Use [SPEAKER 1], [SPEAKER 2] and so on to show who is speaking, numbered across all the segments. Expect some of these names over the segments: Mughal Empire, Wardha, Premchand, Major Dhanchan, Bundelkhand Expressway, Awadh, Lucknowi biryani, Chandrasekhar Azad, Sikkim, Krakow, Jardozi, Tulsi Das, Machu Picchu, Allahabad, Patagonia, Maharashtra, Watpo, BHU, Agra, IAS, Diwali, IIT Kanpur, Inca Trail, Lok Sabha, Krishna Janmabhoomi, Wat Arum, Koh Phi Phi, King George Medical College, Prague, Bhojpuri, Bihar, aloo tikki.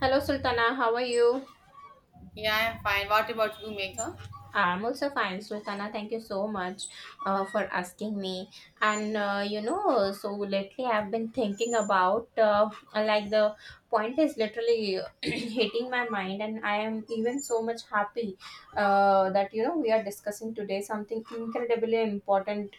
[SPEAKER 1] Hello, Sultana. How are you?
[SPEAKER 2] Yeah, I'm fine. What about you, Megha?
[SPEAKER 1] I'm also fine, Sultana. Thank you so much for asking me. So lately I've been thinking about the point is literally hitting my mind, and I am even so much happy that we are discussing today something incredibly important.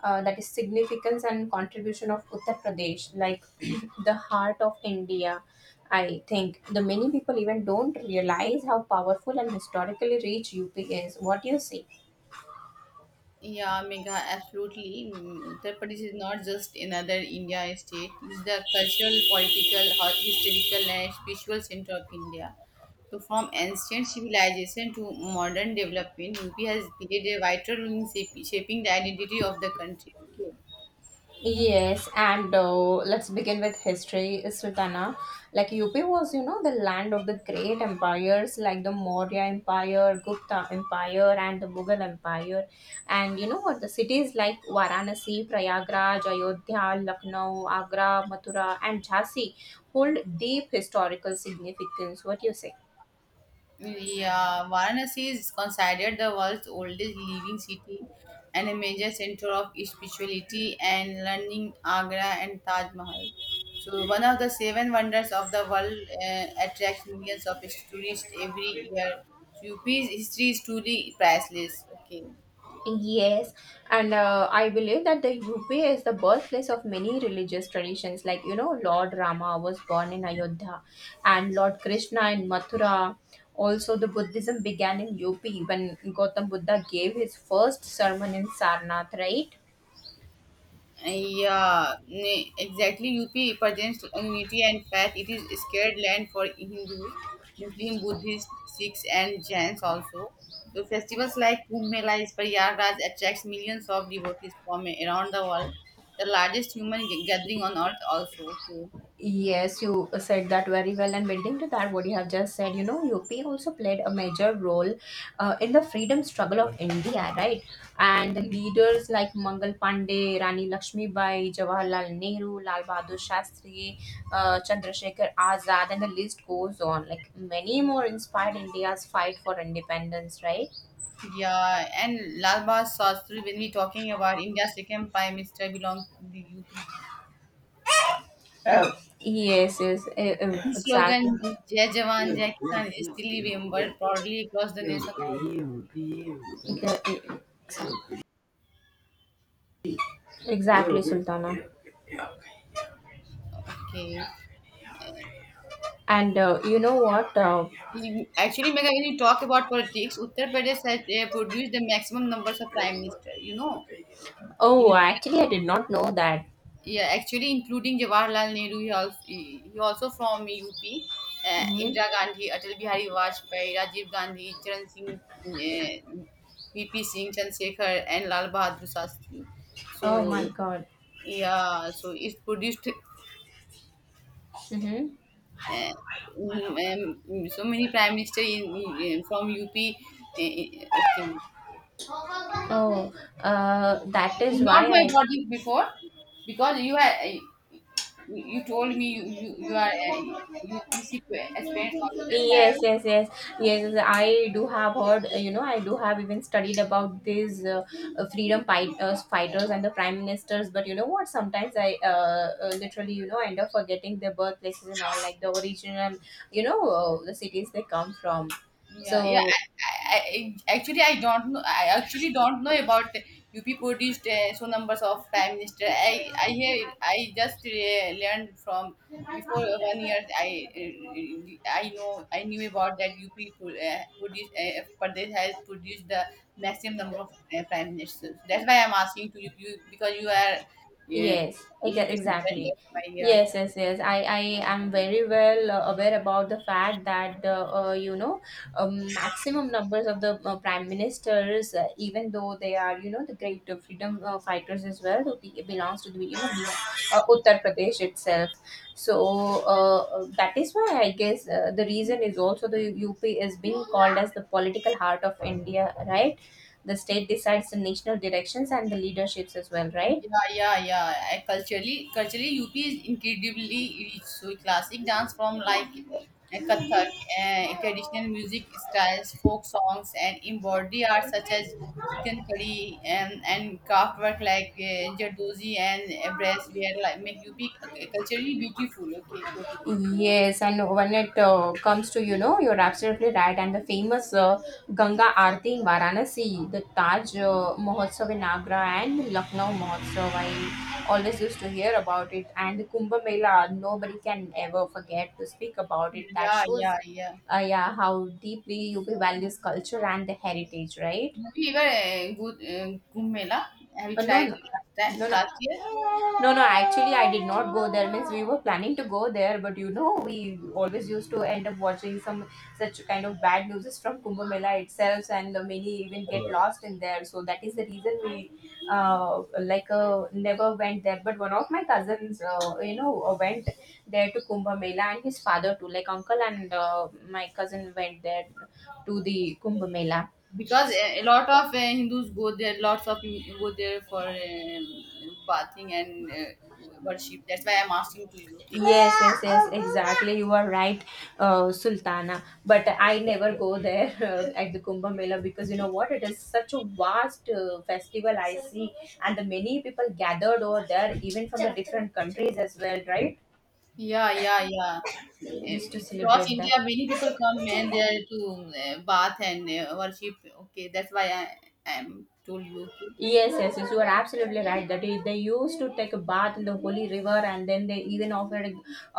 [SPEAKER 1] That is significance and contribution of Uttar Pradesh, like the heart of India. I think the many people even don't realize how powerful and historically rich UP is. What do you say?
[SPEAKER 2] Yeah, Megha, absolutely. Mm, Uttar Pradesh is not just another India state. It's the cultural, political, historical, and spiritual center of India. So, from ancient civilization to modern development, UP has played a vital role in shaping the identity of the country. Okay.
[SPEAKER 1] Yes, and let's begin with history, Sultana. Like UP was, the land of the great empires like the Maurya Empire, Gupta Empire, and the Mughal Empire. And you know what? The cities like Varanasi, Prayagraj, Ayodhya, Lucknow, Agra, Mathura, and Jhansi hold deep historical significance. What do you say?
[SPEAKER 2] Yeah, Varanasi is considered the world's oldest living city and a major center of spirituality and learning. Agra and Taj Mahal, so one of the seven wonders of the world, attracts millions of tourists every year. So UP's history is truly priceless. Okay.
[SPEAKER 1] Yes, and I believe that the UP is the birthplace of many religious traditions. Lord Rama was born in Ayodhya, and Lord Krishna in Mathura. Also, the Buddhism began in UP when Gautam Buddha gave his first sermon in Sarnath, right?
[SPEAKER 2] Yeah, exactly. UP represents unity and faith. It is scared land for Hindus, Muslim, Buddhists, Sikhs, and Jains also. So festivals like Kumbh Mela is Prayagraj attracts millions of devotees from around the world. The largest human gathering on earth also. Too.
[SPEAKER 1] Yes, you said that very well. And building to that, what you have just said, UP also played a major role in the freedom struggle of India, right? And the leaders like Mangal Pandey, Rani Lakshmibai, Jawaharlal Nehru, Lal Bahadur Shastri, Chandrasekhar Azad, and the list goes on. Like many more inspired India's fight for independence, right?
[SPEAKER 2] Yeah, and Lal Bahadur Shastri, when we talking about India's second Prime Minister belong to the UP.
[SPEAKER 1] Oh, yes, yes,
[SPEAKER 2] His slogan,
[SPEAKER 1] exactly.
[SPEAKER 2] Jai Jawan, Jai Kisan, is still remembered proudly across the nation also.
[SPEAKER 1] The, Exactly, Sultana.
[SPEAKER 2] Okay.
[SPEAKER 1] And you know what?
[SPEAKER 2] Actually, Megha, when you talk about politics, Uttar Pradesh has produced the maximum numbers of prime minister. You know, in
[SPEAKER 1] Oh,
[SPEAKER 2] India.
[SPEAKER 1] actually, I did not know that.
[SPEAKER 2] Yeah, actually, including Jawaharlal Nehru, he also from UP,
[SPEAKER 1] Mm-hmm.
[SPEAKER 2] Indira Gandhi, Atal Bihari Vajpayee, Rajiv Gandhi, Charan Singh, uh, VP Singh, Chandrasekhar, and Lal Bahadur Shastri.
[SPEAKER 1] Oh
[SPEAKER 2] So,
[SPEAKER 1] my God.
[SPEAKER 2] yeah, so it produced
[SPEAKER 1] Mm-hmm.
[SPEAKER 2] uh, so many prime minister from UP. Okay.
[SPEAKER 1] Oh, that is why
[SPEAKER 2] Not my
[SPEAKER 1] I.
[SPEAKER 2] body before because you told me you are you PC experience also, that's why.
[SPEAKER 1] Yes, yes, yes, yes. I do have heard. You know, I do have even studied about these freedom fighters, and the prime ministers. But you know what? Sometimes I literally, end up forgetting their birthplaces and all, like the original, the cities they come from.
[SPEAKER 2] Yeah, yeah.
[SPEAKER 1] So
[SPEAKER 2] Actually, I don't know. I actually don't know about UP produced so numbers of prime minister. I just learned from before 1 year. I knew about that UP pro- uh, produced uh, Pradesh has produced the maximum number of prime ministers. That's why I'm asking to you because you are uh,
[SPEAKER 1] yes,
[SPEAKER 2] UP.
[SPEAKER 1] exactly.
[SPEAKER 2] Yeah, yeah.
[SPEAKER 1] Yes, yes, yes. I am very well aware about the fact that the maximum numbers of the prime ministers, even though they are the great freedom fighters as well, who belongs to the Bihar, Uttar Pradesh itself. So that is why I guess the reason is also the UP is being called as the political heart of India, right? The state decides the national directions and the leaderships as well, right?
[SPEAKER 2] Yeah, yeah, yeah. Culturally, UP is incredibly rich. So classic dance from like Kathak, traditional music styles, folk songs, and embroidery art such as chicken curry and craft work like Jardozi and brassware like make UP culturally beautiful. Okay, totally.
[SPEAKER 1] Yes, and when it comes to, you're absolutely right. And the famous Ganga Aarti in Varanasi, the Taj Mahotsav in Agra, and the Lucknow Mahotsav, I always used to hear about it. And the Kumbh Mela, nobody can ever forget to speak about it. That
[SPEAKER 2] Yeah,
[SPEAKER 1] shows,
[SPEAKER 2] yeah, yeah.
[SPEAKER 1] yeah, how deeply UP values culture and the heritage, right?
[SPEAKER 2] Have you ever go Kumbh Mela? Have you
[SPEAKER 1] No,
[SPEAKER 2] tried
[SPEAKER 1] no,
[SPEAKER 2] last time,
[SPEAKER 1] no, no.
[SPEAKER 2] last year?
[SPEAKER 1] No, no, actually, I did not go there. Means we were planning to go there, but we always used to end up watching some such kind of bad news from Kumbh Mela itself, and many even get lost in there. So that is the reason we uh, never went there. But one of my cousins, went there to Kumbh Mela, and his father too, like uncle and my cousin went there to the Kumbh Mela.
[SPEAKER 2] Because a lot of Hindus go there, lots of go there for bathing and worship. That's why I'm asking to you. Okay.
[SPEAKER 1] Yes, yes, yes, exactly. You are right, Sultana. But I never go there at the Kumbh Mela because you know what? It is such a vast festival I see, and the many people gathered over there, even from the different countries as well, right?
[SPEAKER 2] Yeah, yeah, yeah.
[SPEAKER 1] Just to
[SPEAKER 2] Across
[SPEAKER 1] celebrate
[SPEAKER 2] India,
[SPEAKER 1] that.
[SPEAKER 2] many people come and they are to bath and worship. Okay, that's why I am told you. Okay.
[SPEAKER 1] Yes, yes, yes, you are absolutely right. That is, they used to take a bath in the holy river, and then they even offered,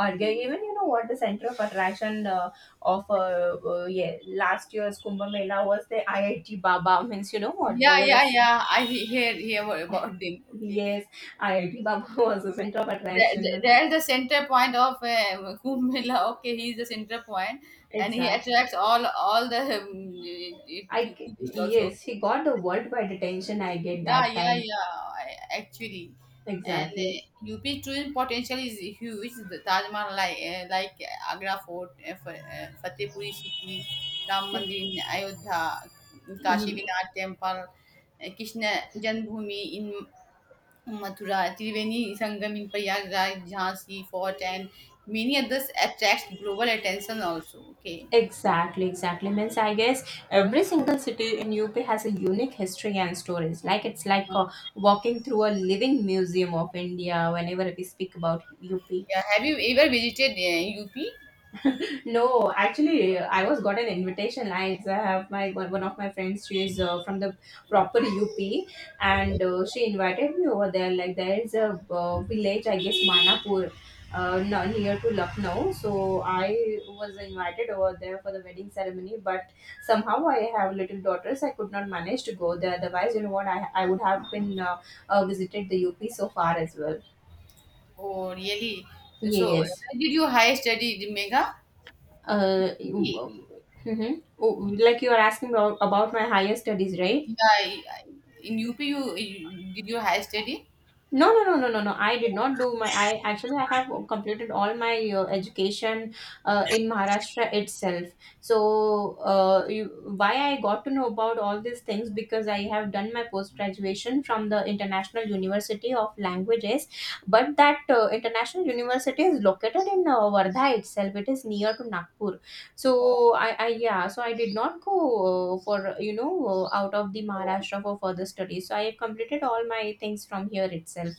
[SPEAKER 1] or gave, even what the center of attraction of yeah, last year's Kumbh Mela was the IIT Baba. Means you know what
[SPEAKER 2] Yeah,
[SPEAKER 1] there was
[SPEAKER 2] yeah, yeah. I hear about them. Okay.
[SPEAKER 1] yes, IIT Baba was the center of
[SPEAKER 2] They're,
[SPEAKER 1] attraction.
[SPEAKER 2] they're the center point of Kumbh Mela. Okay, he's the center point, and he
[SPEAKER 1] Exactly.
[SPEAKER 2] attracts all the tourists also.
[SPEAKER 1] Yes, he got the worldwide attention. I get
[SPEAKER 2] Yeah,
[SPEAKER 1] that
[SPEAKER 2] yeah,
[SPEAKER 1] time
[SPEAKER 2] yeah. I- Actually, and
[SPEAKER 1] exactly.
[SPEAKER 2] UP tourism potential is huge. The Taj Mahal, like Agra Fort, Fatehpuri Sikri, Ram Mandir in Ayodhya, Kashi Vinath Temple, Krishna Janmabhoomi in Mathura, Triveni Sangam in Prayagraj, Jhansi Fort, and many others attracts global attention also. Okay,
[SPEAKER 1] Exactly, exactly. Means I guess every single city in UP has a unique history and stories. Like it's like walking through a living museum of India whenever we speak about UP.
[SPEAKER 2] yeah. Have you ever visited UP?
[SPEAKER 1] No, actually, I was got an invitation. I have my one one of my friends. She is from the proper UP, and she invited me over there. Like there is a village, I guess Manapur, near to Lucknow. So I was invited over there for the wedding ceremony. But somehow I have little daughters. I could not manage to go there. Otherwise, you know what? I would have been visited the UP so far as well.
[SPEAKER 2] Oh, really? So, where
[SPEAKER 1] Yes.
[SPEAKER 2] did you higher study, Megha?
[SPEAKER 1] Uh,
[SPEAKER 2] Yeah,
[SPEAKER 1] mm-hmm. oh, like you are asking about my higher studies, right?
[SPEAKER 2] I- I- in UP, you did your higher study.
[SPEAKER 1] No, no, no, no, no, no. I did not do my. I actually I have completed all my education in Maharashtra itself. So, why I got to know about all these things because I have done my post graduation from the International University of Languages, but that International University is located in Wardha itself. It is near to Nagpur. So
[SPEAKER 2] Oh,
[SPEAKER 1] I, yeah, so I did not go for out of the
[SPEAKER 2] oh.
[SPEAKER 1] Maharashtra for further studies. So I have completed all my things from here itself.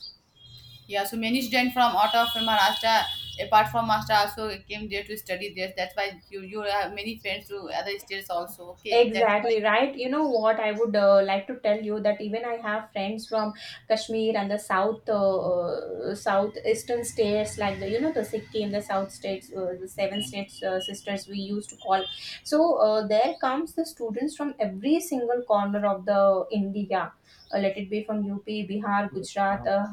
[SPEAKER 2] Yeah. So many students from out of Maharashtra, apart from Maharashtra, also came there to study there. That's why you have many friends to other states also. Okay, that.
[SPEAKER 1] Exactly right. You know what? I would like to tell you that even I have friends from Kashmir and the south, southeastern states, like the you know the Sikkim, the South states, the seven states sisters we used to call. So there comes the students from every single corner of the India. Let it be from UP, Bihar, Gujarat.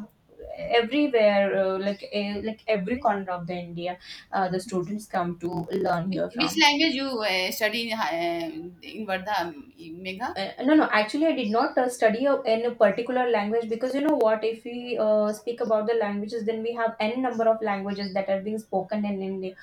[SPEAKER 1] Everywhere like every corner of the India, the students come to learn
[SPEAKER 2] Which,
[SPEAKER 1] here
[SPEAKER 2] which
[SPEAKER 1] from
[SPEAKER 2] language you study in Vardha, Megha?
[SPEAKER 1] no, no, actually, I did not study a, in a particular language, because you know what, if we speak about the languages, then we have n number of languages that are being spoken in India.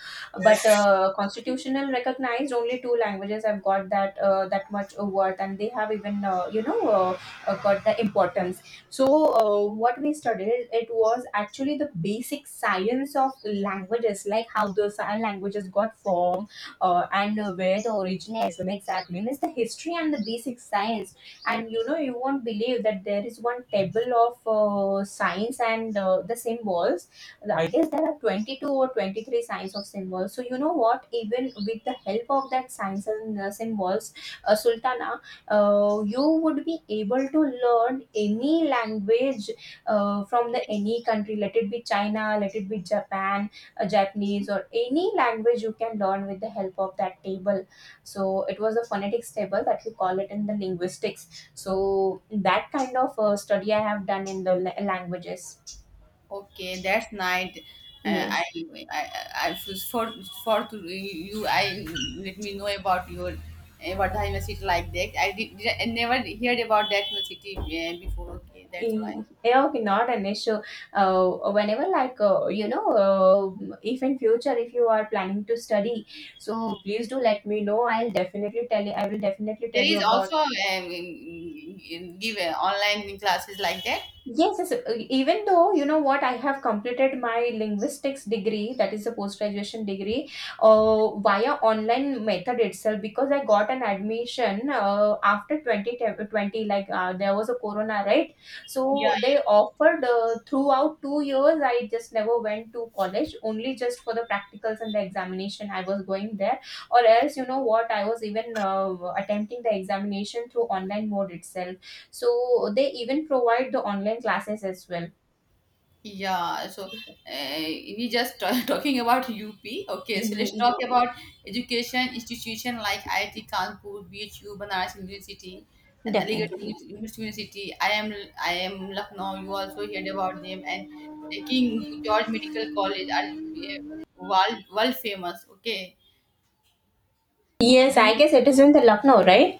[SPEAKER 1] But constitutional recognized only two languages have got that that much a worth, and they have even got the importance. So what we studied, it was actually the basic science of languages, like how those languages got formed, and where the originates from exactly, means the history and the basic science. And you know you won't believe that there is one table of signs and the symbols. I guess there are 22 or 23 signs of symbols. So you know what, even with the help of that signs and symbols, Sultana, you would be able to learn any language from the
[SPEAKER 2] Okay,
[SPEAKER 1] any country, let it be China, let it be Japan, a
[SPEAKER 2] okay,
[SPEAKER 1] Japanese, or any language you can learn with the help of that table. So it was a phonetics table that we call it in the linguistics. So that kind of study I have done in the languages.
[SPEAKER 2] okay, that's nice. Uh, I,
[SPEAKER 1] Yes.
[SPEAKER 2] I, I was for to you. I let me know about your Vardha University like that. I did I never heard about that university before. Okay, that's why
[SPEAKER 1] Yeah, okay, not an issue. Whenever, like, you know, if in future, if you are planning to study, so please do let me know. I will definitely
[SPEAKER 2] there
[SPEAKER 1] tell you
[SPEAKER 2] is
[SPEAKER 1] about.
[SPEAKER 2] also give online classes like that.
[SPEAKER 1] Yes, yes, even though you know what, I have completed my linguistics degree, that is a post graduation degree, via online method itself, because I got an admission after 2020, like there was a corona, right? So they offered throughout 2 years, I just never went to college, only just for the practicals and the examination. I was going there, or else, you know what, I was even attempting the examination through online mode itself. So they even provide the online classes as well.
[SPEAKER 2] Yeah, so we just talking about UP. Okay, so let's
[SPEAKER 1] Ye-
[SPEAKER 2] talk about education institution like IIT Kanpur, BHU, Banaras University, and Aligarh
[SPEAKER 1] Definitely.
[SPEAKER 2] University. University. I am Lucknow. You also heard about them, and King George Medical College are world famous. Okay,
[SPEAKER 1] Yes,
[SPEAKER 2] do you?
[SPEAKER 1] I guess it is in the Lucknow, right?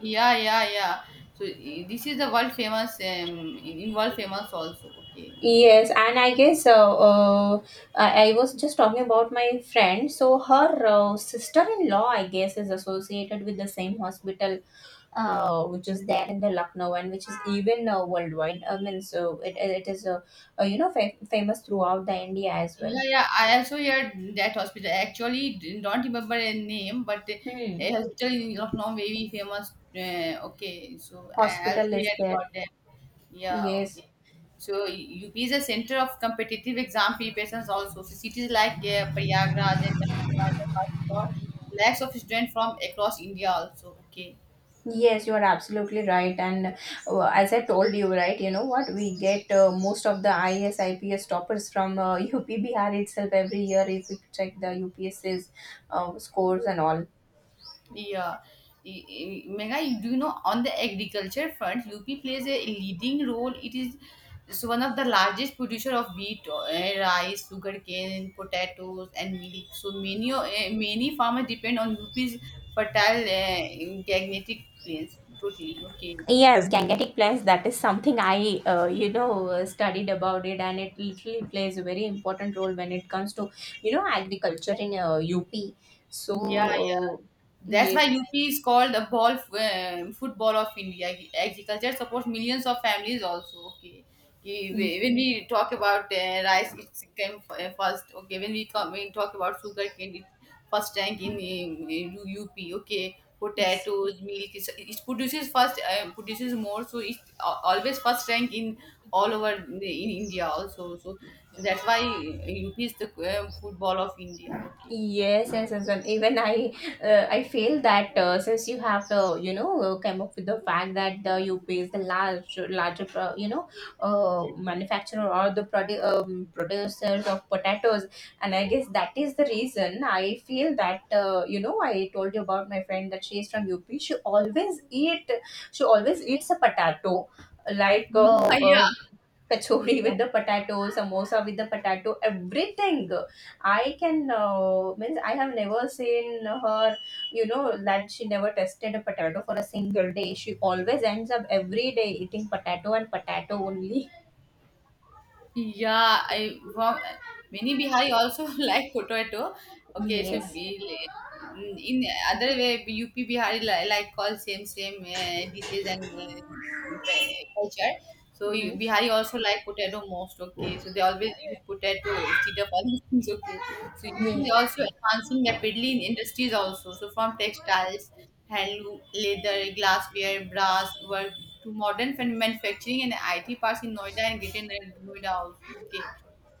[SPEAKER 2] Yeah, yeah, yeah. So this is the world famous in world famous also. Okay.
[SPEAKER 1] Yes, and I was just talking about my friend. So her sister-in-law, I guess, is associated with the same hospital, which is there in the Lucknow and which is even worldwide. I mean, so it is famous throughout the India as
[SPEAKER 2] Yeah,
[SPEAKER 1] well.
[SPEAKER 2] yeah. I also heard that hospital. I actually didn't- don't remember a name, but
[SPEAKER 1] Hmm.
[SPEAKER 2] a hospital in Lucknow very famous. Okay, so I also
[SPEAKER 1] Hospital is
[SPEAKER 2] heard
[SPEAKER 1] there.
[SPEAKER 2] about that. Yeah,
[SPEAKER 1] Yes.
[SPEAKER 2] okay. So UP is a center of competitive exam preparations also. So cities like Prayagraj and Lucknow are the hotspot. Lakhs of students from across India also. Okay.
[SPEAKER 1] Yes, you are absolutely right. And as I told you, right, you know what? We get most of the IAS, IPS toppers from UP Bihar itself every year, if we check the UPSC's scores and all.
[SPEAKER 2] Yeah. Mega, do you know on the agriculture front, UP plays a leading role. It is so one of the largest producer of wheat, rice, sugarcane, potatoes, and milk. So many farmers depend on UP's fertile magnetic plains. Totally okay.
[SPEAKER 1] Yes, gangetic plays, that is something I studied about it, and it literally plays a very important role when it comes to, agriculture in UP. So,
[SPEAKER 2] Yeah, yeah.
[SPEAKER 1] uh,
[SPEAKER 2] That's
[SPEAKER 1] yes.
[SPEAKER 2] why UP is called the ball football of India. Agriculture supports millions of families also. Okay, Ki- when we talk about rice, it came first. Okay, when we come, we talk about sugar cane, it first rank in UP. Okay, potatoes, milk, it produces first, produces more, so it always first rank in in India also. So that's why UP is the football of India. Okay,
[SPEAKER 1] Yes, yes, yes. And even I feel that since you have, come up with the fact that the UP is the larger manufacturer or the producers of potatoes, and I guess that is the reason I feel that, I told you about my friend that she is from UP. She always eats a potato, like
[SPEAKER 2] yeah.
[SPEAKER 1] kachori
[SPEAKER 2] Yeah.
[SPEAKER 1] with the potato, samosa with the potato, everything. I can means I have never seen her. You know that she never tested a potato for a single day. She always ends up every day eating potato and potato only.
[SPEAKER 2] Yeah, I from mini Bihari also like potato. Okay, so
[SPEAKER 1] Yes.
[SPEAKER 2] be in other way UP Bihari like call same dishes and culture. So you-
[SPEAKER 1] Hmm.
[SPEAKER 2] Bihari also like potato most. Okay, so they always use potato instead of other things. Okay. So you
[SPEAKER 1] Yeah.
[SPEAKER 2] is also enhancing rapidly in industries also. So from textiles, handloom, leather, glassware, brass work to modern manufacturing and IT parks in Noida and Greater Noida also. Okay.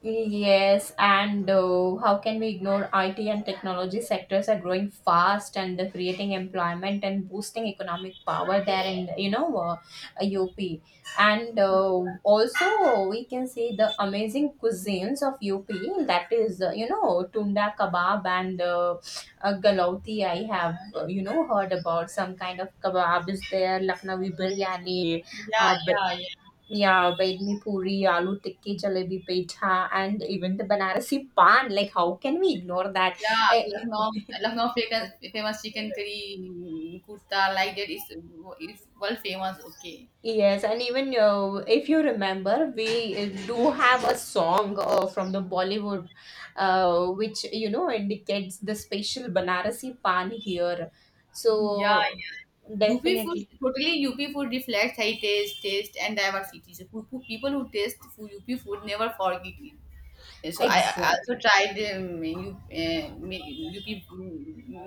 [SPEAKER 1] Yes, and how can we ignore IT and technology sectors are growing fast and they're creating employment and boosting economic power there in UP. And also we can see the amazing cuisines of UP, that is tunda kebab and galauti. I have heard about some kind of kebab is there, Lucknowi biryani,
[SPEAKER 2] Yeah,
[SPEAKER 1] uh,
[SPEAKER 2] yeah, yeah.
[SPEAKER 1] yeah, bedmi puri, aloo tikki, jalebi pitha, and even the Banarasi pan. Like, how can we ignore that?
[SPEAKER 2] Yeah,
[SPEAKER 1] Eh,
[SPEAKER 2] Lucknow famous, famous chicken curry, mm, kurta, like that is world famous. Okay.
[SPEAKER 1] yes, and even if you remember, we do have a song from the Bollywood, which you know indicates the special Banarasi pan here.
[SPEAKER 2] Yeah,
[SPEAKER 1] So,
[SPEAKER 2] yeah. UP food,
[SPEAKER 1] definitely,
[SPEAKER 2] totally UP food reflects heritage, taste, and diversity. So, people who taste food, UP food never forget it. Yeah, so I also
[SPEAKER 1] exactly.
[SPEAKER 2] tried UP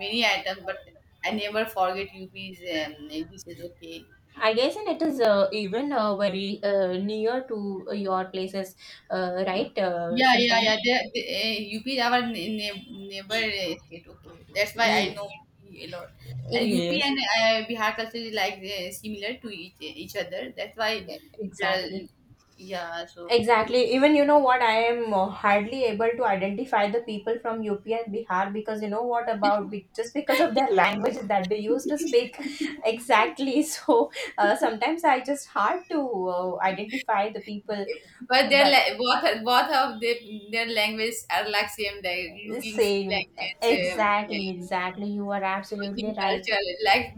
[SPEAKER 2] many items, but I never forget UP's dishes. Okay.
[SPEAKER 1] I guess, and it is even very near to your places, right,
[SPEAKER 2] Yeah, yeah,
[SPEAKER 1] Sultana?
[SPEAKER 2] yeah. UP is our neighbor state. Okay, that's why I know U P a lot. And UP
[SPEAKER 1] Yes,
[SPEAKER 2] and Bihar culture is like similar to each other. That's why
[SPEAKER 1] yeah,
[SPEAKER 2] they're
[SPEAKER 1] exactly.
[SPEAKER 2] yeah. So you-
[SPEAKER 1] Exactly. Even you know what, I am hardly able to identify the people from UP and Bihar because you know what about just because of their language that they used to speak. Exactly. So sometimes I just hard to identify the people, but
[SPEAKER 2] both of the, their language are like same. Like looking
[SPEAKER 1] same.
[SPEAKER 2] language. Um,
[SPEAKER 1] Exactly, exactly. You are
[SPEAKER 2] clothing
[SPEAKER 1] absolutely right.
[SPEAKER 2] culture like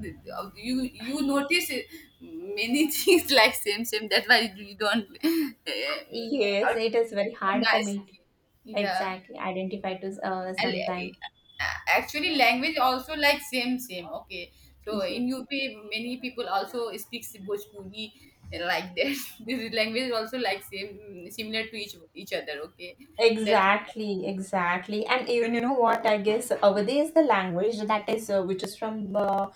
[SPEAKER 2] you you notice many things like same same, that's why you don't uh,
[SPEAKER 1] Yes, it is very hard for
[SPEAKER 2] recognize,
[SPEAKER 1] me.
[SPEAKER 2] yeah.
[SPEAKER 1] Exactly, identify to
[SPEAKER 2] And
[SPEAKER 1] sometime.
[SPEAKER 2] actually language also like same same, okay. So in UP many people also speaks Bhojpuri like that this language also like same similar to each other, okay. that
[SPEAKER 1] Exactly, exactly, and even you know what? I guess is the language that is which is from uh,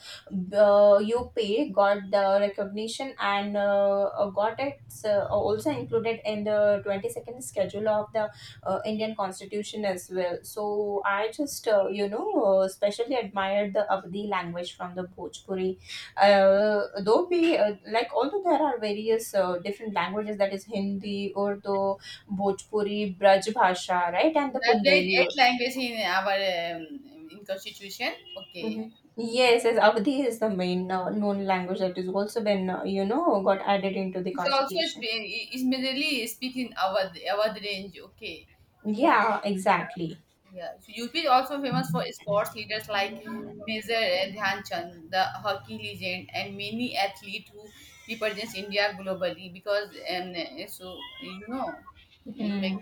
[SPEAKER 1] uh, UP, got the recognition and got it also included in the 22nd schedule of the Indian Constitution as well. So I just especially admired the Avdi language from the Bhojpuri, though we like although there are various different languages, that is Hindi, Urdu, Bhojpuri, Braj Bhasha, right, and the
[SPEAKER 2] that there is
[SPEAKER 1] Bundeli.
[SPEAKER 2] eight language in our in constitution, okay.
[SPEAKER 1] Okay. Yes, yes, Avadhi is the main known language that is also been, got added into the
[SPEAKER 2] It's also
[SPEAKER 1] constitution.
[SPEAKER 2] Spain. It's mainly speaking Awadh range, okay, in UP.
[SPEAKER 1] Yeah, exactly.
[SPEAKER 2] Yeah, so UP is also famous for sports leaders like Major Dhyan Chand, the hockey legend, and many athletes who represents India globally. Because um, so you know, Meg-
[SPEAKER 1] Hmm.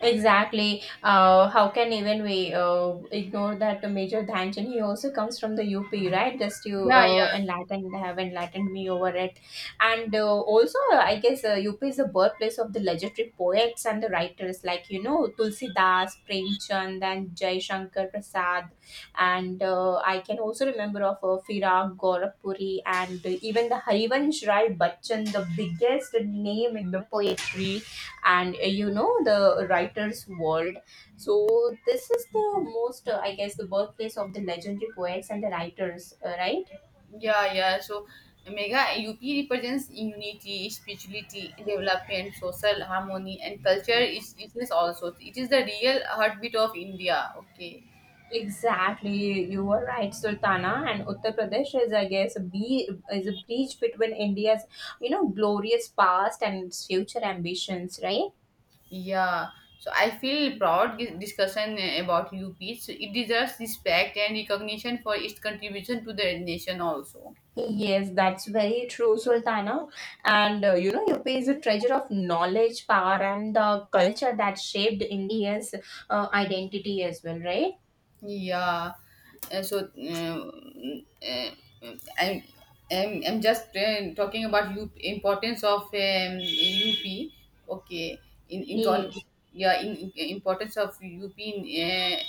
[SPEAKER 1] Exactly. How can even we ignore that the Major Dhanchan? He also comes from the UP, right? Just you
[SPEAKER 2] yeah, yeah,
[SPEAKER 1] enlightened have enlightened me over it, and also I guess UP is the birthplace of the legendary poets and the writers like you know Tulsi Das, Premchand, and Jai Shankar Prasad, and I can also remember of Firak Gorakhpuri and even the Harivansh Rai Bachchan, the biggest name in the poetry and the writer's world. So this is the most I guess the birthplace of the legendary poets and the writers, right?
[SPEAKER 2] yeah, yeah. So Mega UP represents unity, spirituality, development, social harmony, and culture. Is also it is the real heartbeat of India. Okay.
[SPEAKER 1] Exactly, you were right, Sultana. And Uttar Pradesh is, I guess, a be is a bridge between India's, you know, glorious past and its future ambitions, right?
[SPEAKER 2] Yeah, so I feel proud this discussion about UP. So it deserves respect and recognition for its contribution to the nation also.
[SPEAKER 1] Yes, that's very true, Sultana. And you know, UP is a treasure of knowledge, power, and the culture that shaped India's identity as well, right?
[SPEAKER 2] Yeah. So I'm, I'm just talking about P, importance of UP. Okay, in con-
[SPEAKER 1] Yes.
[SPEAKER 2] yeah, in- importance of UP in.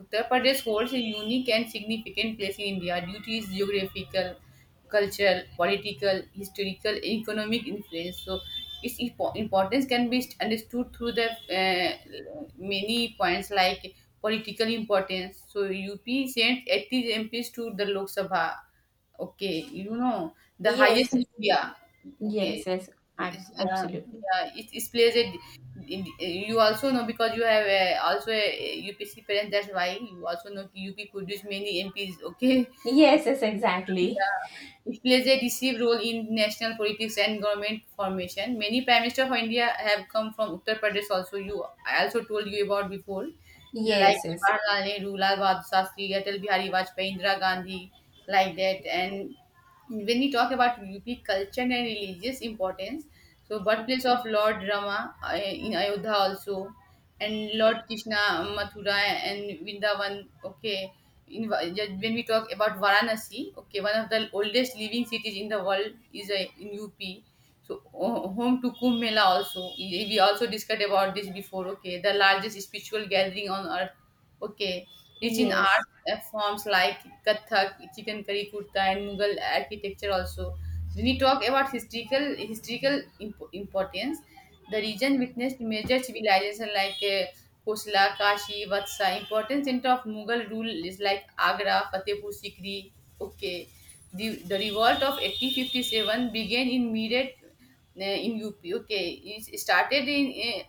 [SPEAKER 2] Uttar Pradesh holds a unique and significant place in India due to its geographical, cultural, political, historical, economic influence. So, its importance can be understood through the many points like political importance. So UP sent 80 MPs to the Lok Sabha. Okay, you know, the highest
[SPEAKER 1] Yes.
[SPEAKER 2] in
[SPEAKER 1] Yes.
[SPEAKER 2] India. Okay,
[SPEAKER 1] Yes. Yes. Abs-
[SPEAKER 2] yeah,
[SPEAKER 1] absolutely.
[SPEAKER 2] yeah. It plays a. You also know because you have also a UPC parents. That's why you also know UP produce many MPs. Okay,
[SPEAKER 1] Yes. Yes. Exactly.
[SPEAKER 2] it plays a decisive role in national politics and government formation. Many prime minister of India have come from Uttar Pradesh. Also, you I also told you about before, like
[SPEAKER 1] Yes. Yes.
[SPEAKER 2] Jawaharlal Nehru, Lal Bahadur Shastri, Atal Bihari Vajpayee, Indira Gandhi, like that. And when we talk about UP culture and religious importance, so birthplace of Lord Rama in Ayodhya also, and Lord Krishna Mathura and Vrindavan. Okay, in yeah, when we talk about Varanasi, okay, one of the oldest living cities in the world is in UP. So home to Kumbh Mela also. We also discussed about this before. Okay, the largest spiritual gathering on earth. Okay, rich in art
[SPEAKER 1] Yes.
[SPEAKER 2] forms like Kathak, Chikankari Kurta, and Mughal architecture also. When we talk about historical importance, the region witnessed major civilization like Kosla, Kashi, Vatsa, important center of Mughal rule is like Agra, Fatehpur Sikri. Okay, the revolt of 1857 began in Meerut, in UP. Okay, it started in,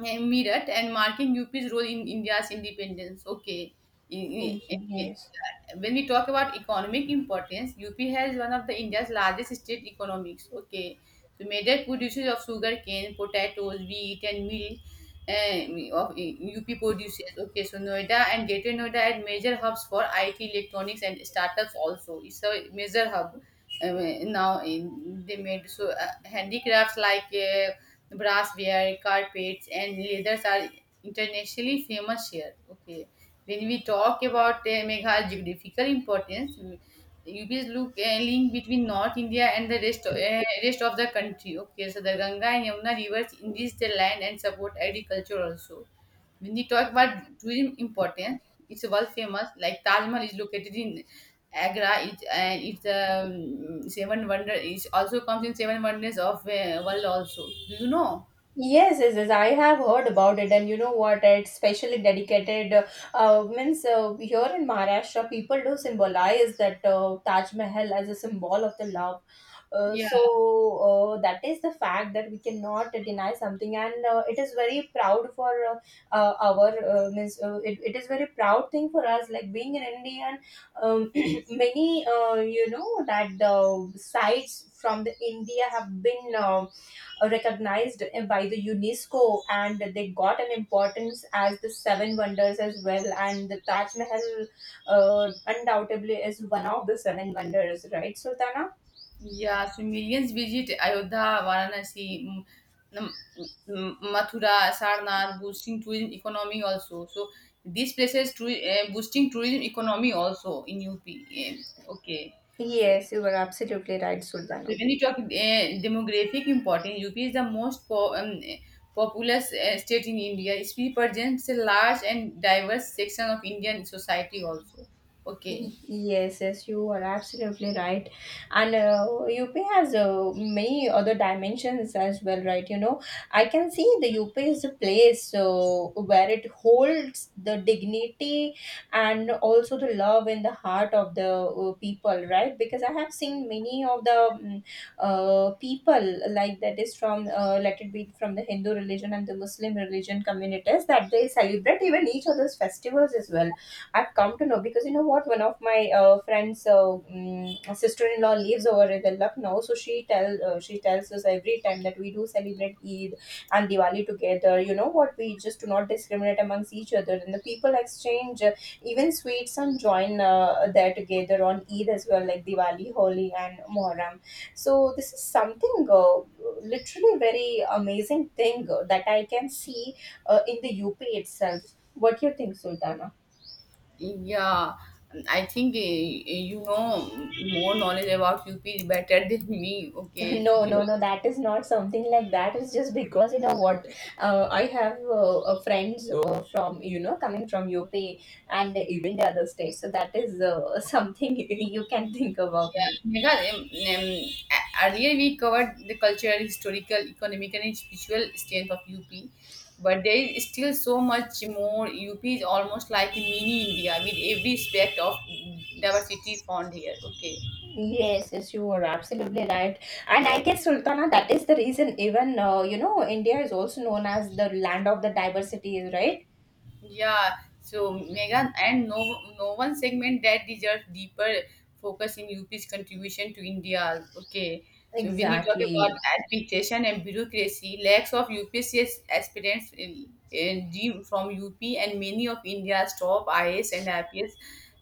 [SPEAKER 2] uh, in Meerut and marking UP's role in India's independence. Okay, in,
[SPEAKER 1] Mm-hmm.
[SPEAKER 2] in,
[SPEAKER 1] Yes.
[SPEAKER 2] when we talk about economic importance, UP has one of the India's largest state economics. Okay, so major producers of sugarcane, potatoes, wheat, and milk of UP produces. Okay, so Noida and Greater Noida are major hubs for IT, electronics, and startups. Also, it's a major hub uh, now. In, they made so handicrafts like brassware, carpets, and leathers are internationally famous here. Okay, when we talk about Meghalay's geographical importance, you will look a link between North India and the rest of the country. Okay, so the Ganga and Yamuna rivers enrich the land and support agriculture also. When we talk about tourism importance, it's world famous. Like Taj Mahal is located in Agra, it, and it's seven wonder. It also comes in seven wonders of world also. Do you know?
[SPEAKER 1] Yes, yes, yes. I have heard about it, and you know what? It's specially dedicated. Means Here in Maharashtra, people do symbolize that Taj Mahal as a symbol of the love. Uh,
[SPEAKER 2] Yeah.
[SPEAKER 1] so that is the fact that we cannot deny something, and it is very proud for our means. It, it is very proud thing for us, like being an Indian. Um, many you know that sites from the India have been recognized by the UNESCO and they got an importance as the seven wonders as well. And the Taj Mahal undoubtedly is one of the seven wonders, right, Sultana?
[SPEAKER 2] Yeah, so millions visit Ayodhya, Varanasi, mm, Mathura, Sarnath, boosting tourism economy also. So these places to, boosting tourism economy also in UP. Okay. So,
[SPEAKER 1] Yes, you were absolutely right, Sultana.
[SPEAKER 2] when you talk demographic importance, UP is the most populous state in India. It represents a large and diverse section of Indian society also. Okay.
[SPEAKER 1] Yes, yes, you are absolutely right. And UP has many other dimensions as well, right? You know, I can see the UP is a place where it holds the dignity and also the love in the heart of the people, right? Because I have seen many of the people, like that is from, let it be from the Hindu religion and the Muslim religion communities, that they celebrate even each other's festivals as well. I've come to know because you know what, one of my friends' sister-in-law lives over in the Lucknow, so she tells us every time that we do celebrate Eid and Diwali together. You know what? We just do not discriminate amongst each other, and the people exchange even sweets and join there together on Eid as well, like Diwali, Holi, and Muharram. So this is something literally very amazing thing that I can see in the UP itself. What do you think, Sultana?
[SPEAKER 2] Yeah, I think you know more knowledge about UP is better than me. Okay, so
[SPEAKER 1] No, no,
[SPEAKER 2] you
[SPEAKER 1] no, that is not something like that. It's just because, you know what, I have friends from, you know, coming from UP and even the other states. So that is something you can think about me.
[SPEAKER 2] Megha, earlier we covered the cultural, historical, economic, and spiritual strength of UP, but there is still so much more. UP is almost like a mini India with every aspect of diversity found here. Okay.
[SPEAKER 1] Yes, yes, you are absolutely right. And I guess, Sultana, that is the reason even, you know, India is also known as the land of the diversity, right?
[SPEAKER 2] Yeah, so Megan and no no one segment that deserves deeper focus in UP's contribution to India. Okay. So when we talk about
[SPEAKER 1] Exactly.
[SPEAKER 2] administration and bureaucracy, lacks of UPCS aspirants in dream from UP and many of India's top IAS and IPS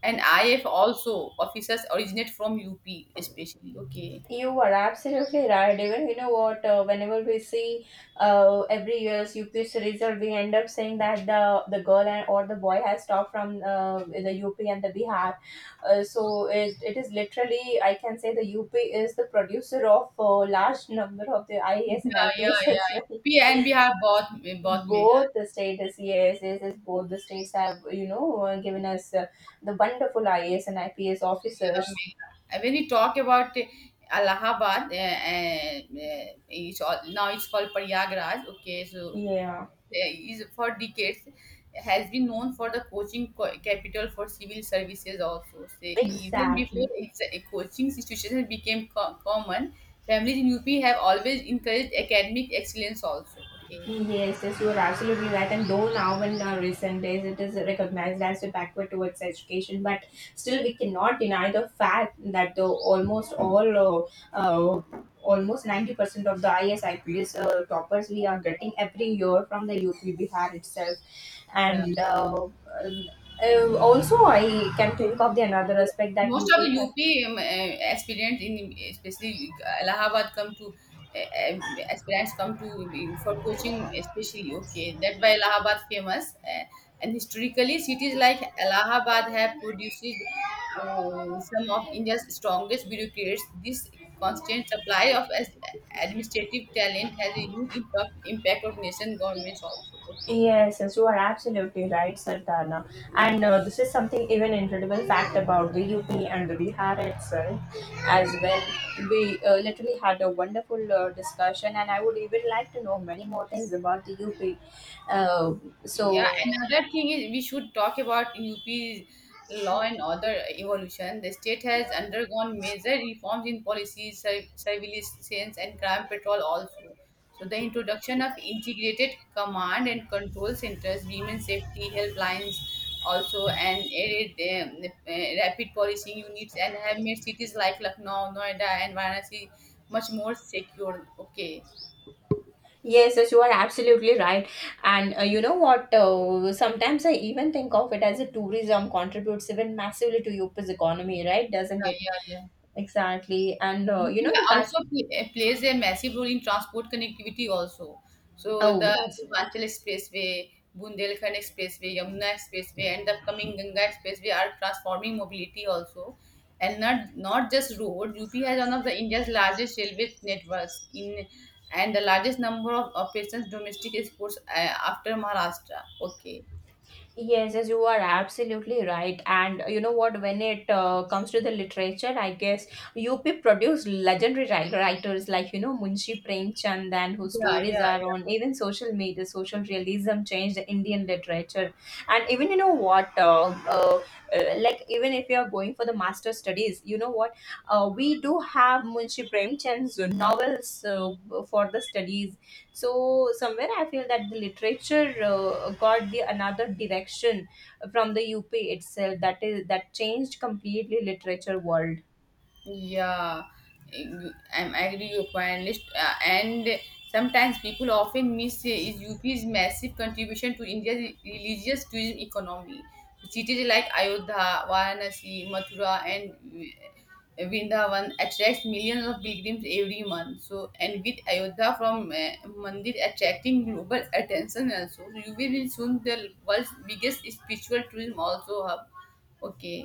[SPEAKER 2] and IF also officers originate from UP especially. Okay.
[SPEAKER 1] You are absolutely right. Even you know what, whenever we see every year's UPSC result, we end up saying that the girl and or the boy has stopped from the UP and the Bihar. So it is literally, I can say the UP is the producer of large number of the IAS and
[SPEAKER 2] Yeah, yeah,
[SPEAKER 1] IPS as
[SPEAKER 2] yeah.
[SPEAKER 1] well.
[SPEAKER 2] UP and Bihar both Mega.
[SPEAKER 1] Both the states, yes, yes, yes, both the states have you know given us the wonderful IAS and IPS officers.
[SPEAKER 2] Amazing. When you talk about Allahabad, it's all, now it's called Paryagraj. Okay, so
[SPEAKER 1] Yeah,
[SPEAKER 2] is for decades has been known for the coaching capital for civil services also. Say, even before
[SPEAKER 1] exactly.
[SPEAKER 2] its a coaching situation became common, families in UP have always encouraged academic excellence also. Okay,
[SPEAKER 1] Yes, yes, you are absolutely right. And though now in our recent days it is recognized as a backward towards education, but still we cannot deny the fact that almost 90% of the ISIPS toppers we are getting every year from the UP Bihar itself.
[SPEAKER 2] yeah,
[SPEAKER 1] And um, also I can think of the another aspect that
[SPEAKER 2] most of the
[SPEAKER 1] UP.
[SPEAKER 2] UP aspirants in especially Allahabad come to aspirants come to for coaching especially. Okay, that's why Allahabad famous and historically cities like Allahabad have produced some of India's strongest bureaucrats. This constant supply of administrative talent has a huge impact of nation governments also. Okay.
[SPEAKER 1] Yes, yes, you are absolutely right, Sardana. And this is something even incredible fact about the UP and the Bihar itself as well. We literally had a wonderful discussion, and I would even like to know many more things about the UP. Uh, so,
[SPEAKER 2] Yeah, another thing is we should talk about UP's law and order evolution. The state has undergone major reforms in policies, surveillance, and crime patrol also. So the introduction of integrated command and control centers, women safety helplines also, and added, um, uh, rapid policing units, and have made cities like Lucknow, Noida, and Varanasi much more secure. Okay.
[SPEAKER 1] yes, yes, you are absolutely right. And you know what? Sometimes I even think of it as a tourism contributes even massively to UP's economy, right? Doesn't
[SPEAKER 2] Yeah,
[SPEAKER 1] it?
[SPEAKER 2] yeah, yeah.
[SPEAKER 1] Exactly. And you know
[SPEAKER 2] Media
[SPEAKER 1] the Taj.
[SPEAKER 2] also plays a massive role in transport connectivity also. So
[SPEAKER 1] Oh,
[SPEAKER 2] the
[SPEAKER 1] that's...
[SPEAKER 2] Purvanchal Expressway, Bundelkhand Expressway, Yamuna Expressway, and the upcoming Ganga Expressway are transforming mobility also. And not just road, UP has one of the India's largest railway networks in and the largest number of operations domestic exports after Maharashtra. Okay.
[SPEAKER 1] Yes, yes, you are absolutely right. And you know what? When it comes to the literature, I guess UP produced legendary writers like you know Munshi Premchand, and whose
[SPEAKER 2] Yeah,
[SPEAKER 1] stories
[SPEAKER 2] yeah,
[SPEAKER 1] are
[SPEAKER 2] yeah.
[SPEAKER 1] on even social media. Social realism changed the Indian literature, and even you know what? Like even if you are going for the master studies, you know what? We do have Munshi Premchand's novels for the studies. So somewhere I feel that the literature got the another direction from the UP itself, that is that changed completely literature world.
[SPEAKER 2] Yeah, I'm agree your point. List and sometimes people often miss is UP's massive contribution to India's religious tourism economy. Cities like Ayodhya, Varanasi, Mathura, and Vrindavan attracts millions of pilgrims every month. So, and with Ayodhya from Mandir attracting global attention also, so UP will soon the world's biggest spiritual tourism also hub. Okay.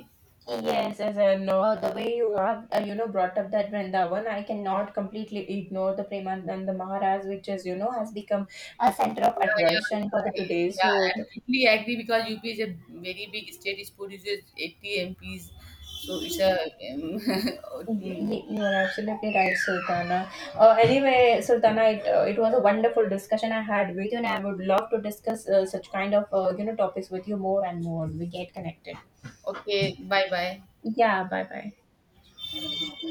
[SPEAKER 1] Yes, as I know, the way you have, brought up that Vrindavan, I cannot completely ignore the Premanand Maharaj, which is, you know, has become a center of
[SPEAKER 2] Yeah, yeah,
[SPEAKER 1] attraction for the today's
[SPEAKER 2] yeah. I-
[SPEAKER 1] youth.
[SPEAKER 2] am And totally agree because UP is a very big state. It produces 80 MPs, so it's a um,
[SPEAKER 1] Ye- You are absolutely right, Sultana. Anyway, Sultana, it was a wonderful discussion I had with you, and I would love to discuss such kind of topics with you more and more. We get connected.
[SPEAKER 2] okay. Bye, bye.
[SPEAKER 1] Yeah, bye bye.